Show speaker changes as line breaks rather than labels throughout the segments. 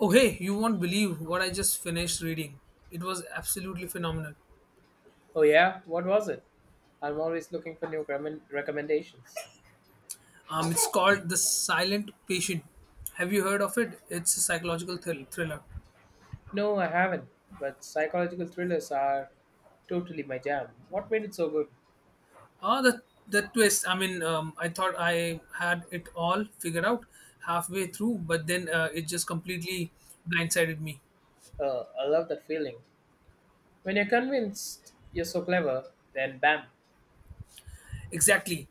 Oh, hey, you won't believe what I just finished reading. It was absolutely phenomenal.
Oh yeah, what was it? I'm always looking for new recommendations.
It's called The Silent Patient. Have you heard of it? It's a thriller.
No, I haven't, but psychological thrillers are totally my jam. What made it so good?
Ah, the twist. I mean, I thought I had it all figured out halfway through, but then it just completely blindsided me.
I love that feeling. When you're convinced you're so clever, then bam.
Exactly.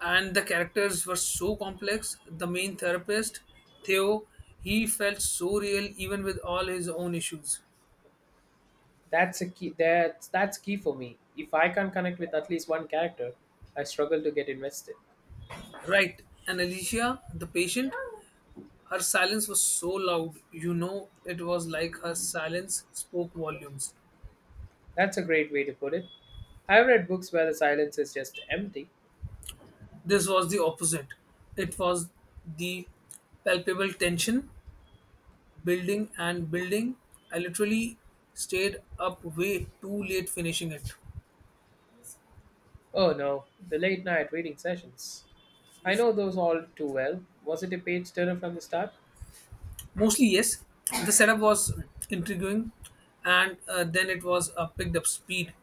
And the characters were so complex. The main therapist, Theo, he felt so real even with all his own issues.
That's key for me. If I can't connect with at least one character, I struggle to get invested.
Right. And Alicia, the patient, her silence was so loud. It was like her silence spoke volumes.
That's a great way to put it. I've read books where the silence is just empty.
This was the opposite. It was the palpable tension building and building. I literally stayed up way too late finishing it.
Oh no, the late night reading sessions. I know those all too well. Was it a page turner from the start?
Mostly, yes, the setup was intriguing, and then it was picked up speed.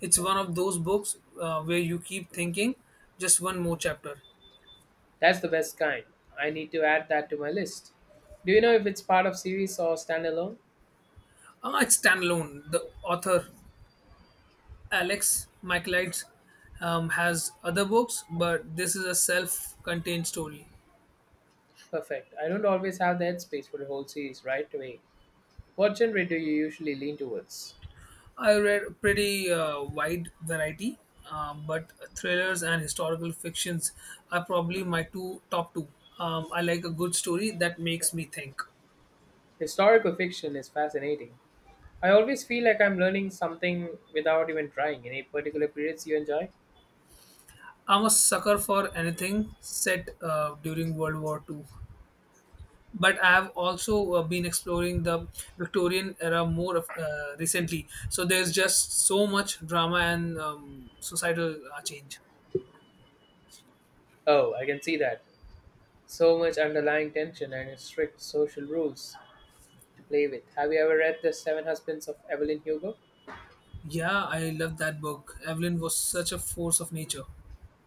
It's one of those books where you keep thinking just one more chapter.
That's the best kind. I need to add that to my list. Do you know if it's part of series or standalone?
It's standalone. The author, Alex Michaelides, has other books, but this is a self contained story.
Perfect. I don't always have the headspace for a whole series right away. What genre do you usually lean towards?
I read a pretty wide variety, but thrillers and historical fictions are probably my two top two. I like a good story that makes me think.
Historical fiction is fascinating. I always feel like I'm learning something without even trying. Any particular periods you enjoy?
I'm a sucker for anything set during World War Two. But I've also been exploring the Victorian era more of, recently. So there's just so much drama and societal change.
Oh, I can see that. So much underlying tension and strict social rules to play with. Have you ever read The Seven Husbands of Evelyn Hugo?
Yeah, I love that book. Evelyn was such a force of nature.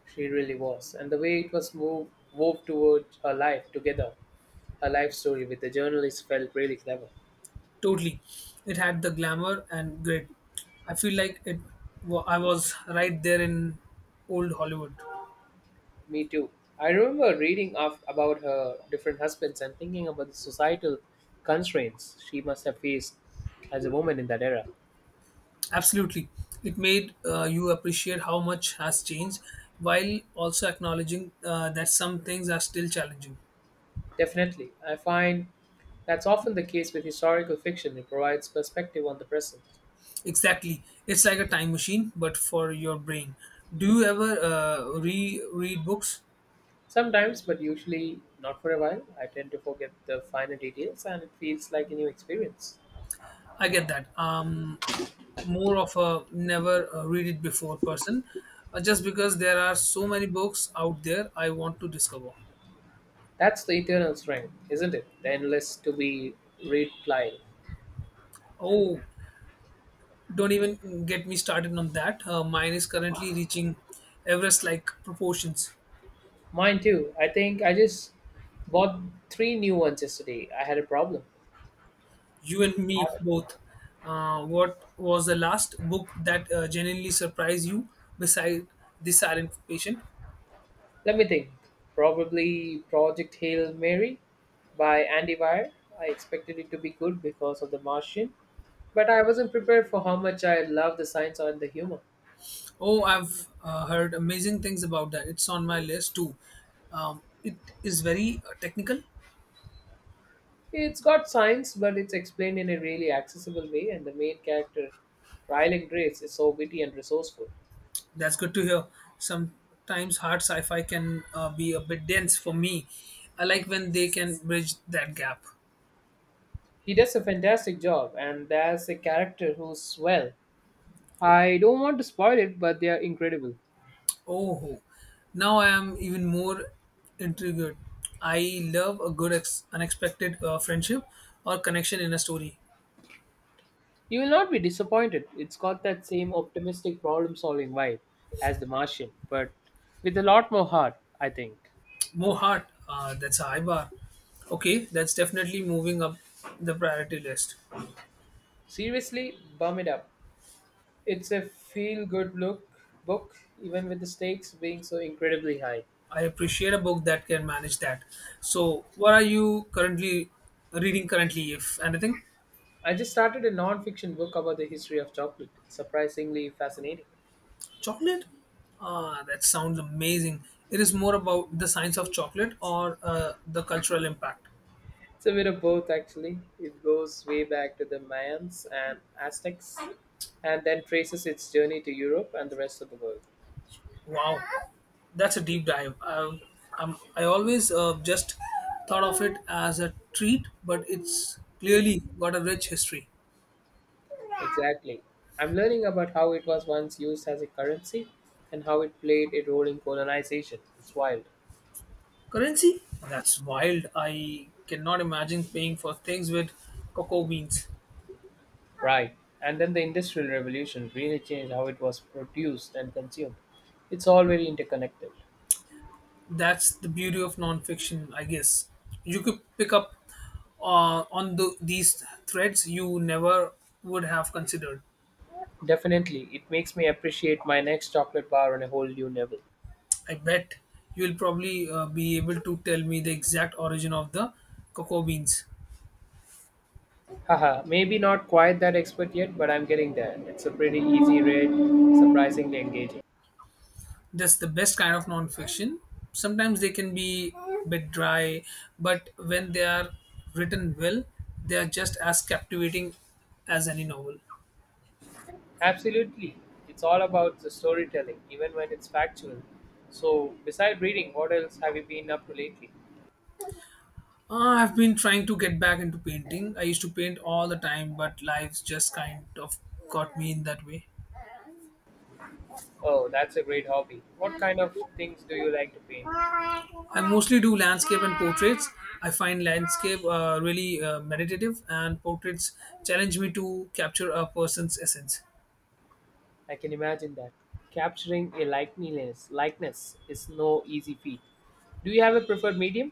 She really was. And the way it was wove toward her life together, her life story with the journalist felt really clever.
Totally, it had the glamour and grit. I feel like it. Wa- I was right there in old Hollywood.
Me too. I remember reading about her different husbands and thinking about the societal constraints she must have faced as a woman in that era.
Absolutely, it made you appreciate how much has changed, while also acknowledging that some things are still challenging.
Definitely. I find that's often the case with historical fiction. It provides perspective on the present.
Exactly. It's like a time machine, but for your brain. Do you ever read books?
Sometimes, but usually not for a while. I tend to forget the finer details and it feels like a new experience.
I get that. More of a never read it before person. Just because there are so many books out there, I want to discover.
That's the eternal strength, isn't it? The endless to be replying.
Oh, don't even get me started on that. Mine is currently reaching Everest-like proportions.
Mine too. I think I just bought three new ones yesterday. I had a problem.
You and me both. What was the last book that genuinely surprised you beside The Silent Patient?
Let me think. Probably Project Hail Mary by Andy Weir. I expected it to be good because of The Martian, but I wasn't prepared for how much I love the science and the humor.
Oh, I've heard amazing things about that. It's on my list too. It is very technical.
It's got science, but it's explained in a really accessible way, and the main character, Rylan Grace, is so witty and resourceful.
That's good to hear. Sometimes hard sci fi can be a bit dense for me. I like when they can bridge that gap.
He does a fantastic job, and there's a character who's, well, I don't want to spoil it, but they are incredible.
Oh, now I am even more intrigued. I love a good, unexpected friendship or connection in a story.
You will not be disappointed. It's got that same optimistic problem solving vibe as The Martian, but with a lot more heart, I think.
More heart. That's a high bar. Okay, that's definitely moving up the priority list.
Seriously, bum it up. It's a feel good look book, even with the stakes being so incredibly high.
I appreciate a book that can manage that. So, what are you currently reading currently, if anything?
I just started a non fiction book about the history of chocolate. Surprisingly fascinating.
Chocolate? Ah, that sounds amazing. It is more about the science of chocolate or the cultural impact.
It's a bit of both, actually. It goes way back to the Mayans and Aztecs, and then traces its journey to Europe and the rest of the world.
Wow, that's a deep dive. I always just thought of it as a treat, but it's clearly got a rich history.
Exactly. I'm learning about how it was once used as a currency and how it played a role in colonization. It's wild.
Currency? That's wild. I cannot imagine paying for things with cocoa beans.
Right. And then the Industrial Revolution really changed how it was produced and consumed. It's all very interconnected.
That's the beauty of nonfiction, I guess. You could pick up on these threads you never would have considered.
Definitely, it makes me appreciate my next chocolate bar on a whole new level.
I bet you'll probably be able to tell me the exact origin of the cocoa beans.
Haha, maybe not quite that expert yet, but I'm getting there. It's a pretty easy read, surprisingly engaging.
That's the best kind of nonfiction. Sometimes they can be a bit dry, but when they are written well, they are just as captivating as any novel.
Absolutely. It's all about the storytelling, even when it's factual. So, beside reading, what else have you been up to lately?
I've been trying to get back into painting. I used to paint all the time, but life's just kind of got me in that way.
Oh, that's a great hobby. What kind of things do you like to paint?
I mostly do landscape and portraits. I find landscape really meditative, and portraits challenge me to capture a person's essence.
I can imagine that. Capturing a likeness is no easy feat. Do you have a preferred medium?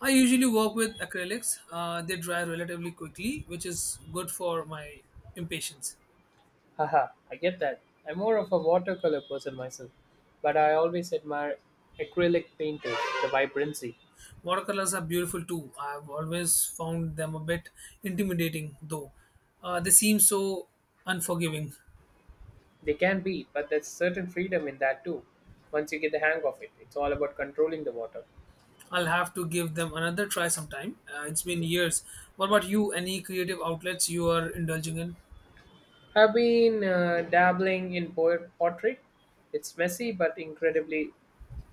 I usually work with acrylics. They dry relatively quickly, which is good for my impatience.
Haha, I get that. I'm more of a watercolor person myself, but I always admire acrylic painters, the vibrancy.
Watercolors are beautiful too. I've always found them a bit intimidating, though. They seem so unforgiving.
They can be, but there's certain freedom in that too. Once you get the hang of it, it's all about controlling the water.
I'll have to give them another try sometime. It's been years. What about you? Any creative outlets you are indulging in?
I've been dabbling in portrait. It's messy but incredibly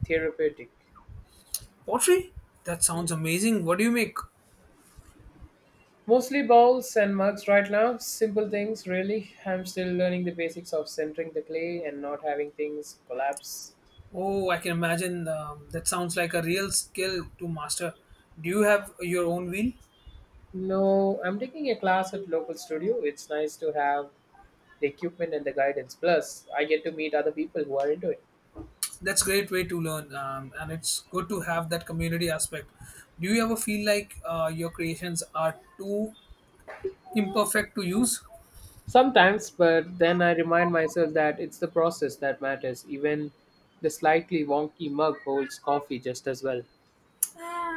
therapeutic.
Pottery? That sounds amazing. What do you make?
Mostly bowls and mugs right now, simple things really. I'm still learning the basics of centering the clay and not having things collapse.
Oh, I can imagine. That sounds like a real skill to master. Do you have your own wheel?
No, I'm taking a class at local studio. It's nice to have the equipment and the guidance. Plus, I get to meet other people who are into it.
That's a great way to learn, and it's good to have that community aspect. Do you ever feel like your creations are too imperfect to use?
Sometimes, but then I remind myself that it's the process that matters. Even the slightly wonky mug holds coffee just as well.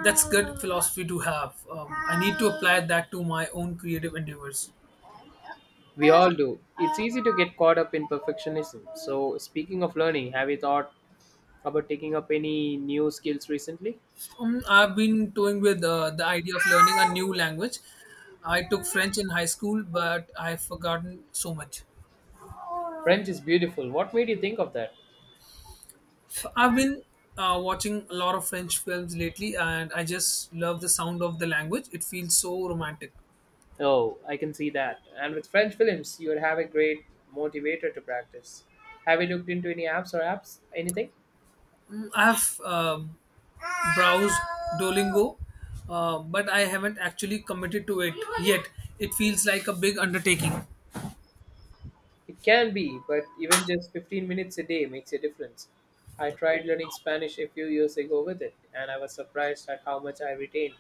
That's good philosophy to have. I need to apply that to my own creative endeavors.
We all do. It's easy to get caught up in perfectionism. So, speaking of learning, have you thought about taking up any new skills recently?
I've been toying with the idea of learning a new language. I took French in high school, but I've forgotten so much.
French is beautiful. What made you think of that?
I've been watching a lot of French films lately, and I just love the sound of the language. It feels so romantic.
Oh, I can see that. And with French films, you would have a great motivator to practice. Have you looked into any apps or apps? Anything?
I've browsed Duolingo, but I haven't actually committed to it yet. It feels like a big undertaking.
It can be, but even just 15 minutes a day makes a difference. I tried learning Spanish a few years ago with it, and I was surprised at how much I retained.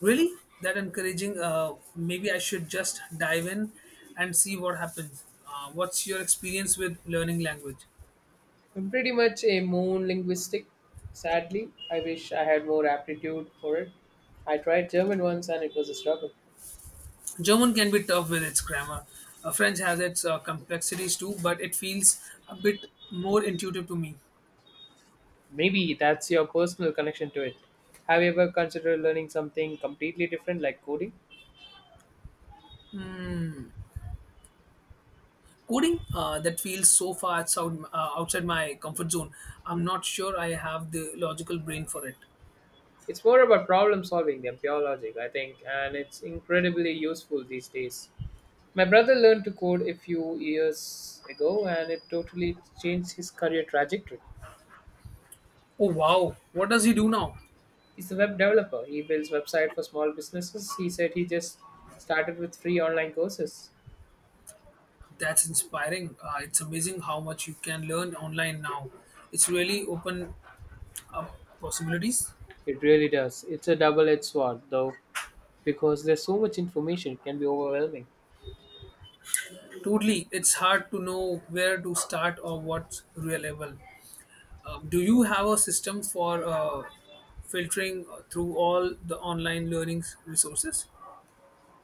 Really? That encouraging. Maybe I should just dive in and see what happens. What's your experience with learning language?
I'm pretty much a moon linguistic. Sadly, I wish I had more aptitude for it. I tried German once and it was a struggle.
German can be tough with its grammar. French has its complexities too, but it feels a bit more intuitive to me.
Maybe that's your personal connection to it. Have you ever considered learning something completely different like coding?
Coding, that feels so far outside my comfort zone. I'm not sure I have the logical brain for it.
It's more about problem solving than pure logic, I think, and it's incredibly useful these days. My brother learned to code a few years ago and it totally changed his career trajectory.
Oh wow, what does he do now?
He's a web developer. He builds website for small businesses. He said he just started with free online courses.
That's inspiring. It's amazing how much you can learn online now. It's really open up possibilities.
It really does. It's a double-edged sword though because there's so much information it can be overwhelming.
Totally, it's hard to know where to start or what's reliable. Do you have a system for filtering through all the online learning resources?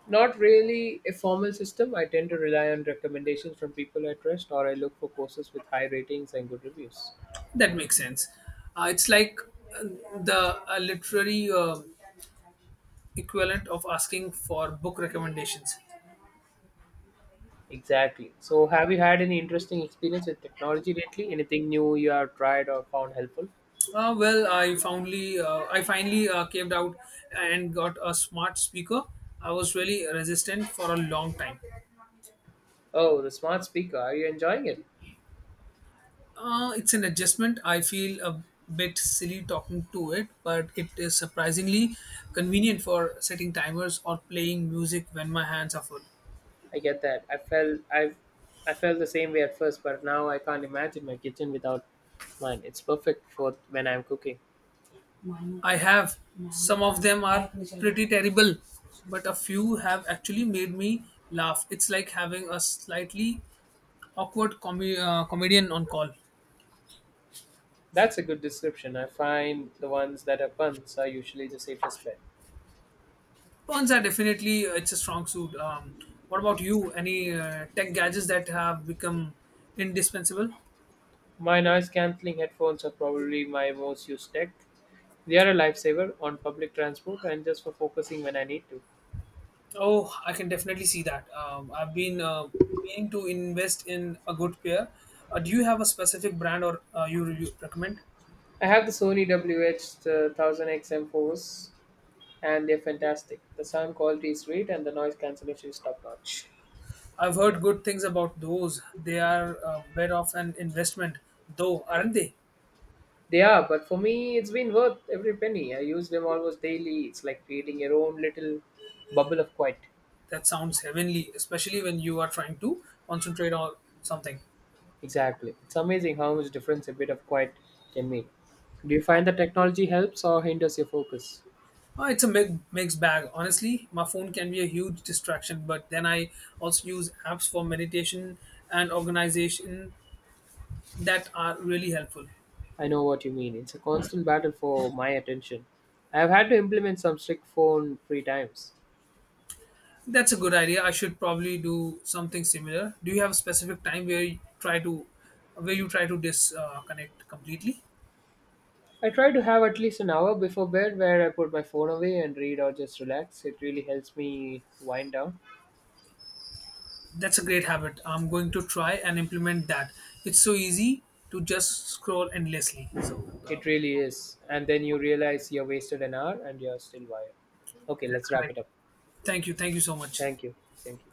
Not really a formal system. I tend to rely on recommendations from people I trust, or I look for courses with high ratings and good reviews.
That makes sense. It's like uh, the literary equivalent of asking for book recommendations.
Exactly. So, have you had any interesting experience with technology lately? Anything new you have tried or found helpful?
Well, I finally caved out and got a smart speaker. I was really resistant for a long time.
Oh, the smart speaker. Are you enjoying it?
It's an adjustment. I feel a bit silly talking to it, but it is surprisingly convenient for setting timers or playing music when my hands are full.
I get that. I felt the same way at first, but now I can't imagine my kitchen without mine. It's perfect for when I'm cooking.
I have. Some of them are pretty terrible, but a few have actually made me laugh. It's like having a slightly awkward comedian on call.
That's a good description. I find the ones that are puns are usually the safest bet.
Puns are definitely it's a strong suit. What about you? Any tech gadgets that have become indispensable?
My noise cancelling headphones are probably my most used tech. They are a lifesaver on public transport and just for focusing when I need to.
Oh, I can definitely see that. I've been meaning to invest in a good pair. Do you have a specific brand or you recommend?
I have the Sony WH-1000XM4s and they're fantastic. The sound quality is great and the noise cancellation is top notch.
I've heard good things about those. They are a bit of an investment, though, aren't they?
They are, but for me, it's been worth every penny. I use them almost daily. It's like creating your own little bubble of quiet.
That sounds heavenly, especially when you are trying to concentrate on something.
Exactly. It's amazing how much difference a bit of quiet can make. Do you find that technology helps or hinders your focus?
It's a mixed bag. Honestly, my phone can be a huge distraction, but then I also use apps for meditation and organization that are really helpful.
I know what you mean. It's a constant battle for my attention. I have had to implement some strict phone free times.
That's a good idea. I should probably do something similar. Do you have a specific time where you try to where you try to disconnect completely?
I try to have at least an hour before bed where I put my phone away and read or just relax. It really helps me wind down.
That's a great habit. I'm going to try and implement that. It's so easy to just scroll endlessly. Um,
It really is. And then you realize you wasted an hour and you're still wired. Okay,
that's
let's wrap
correct.
it up.
Thank you. Thank you so much.
Thank you. Thank you.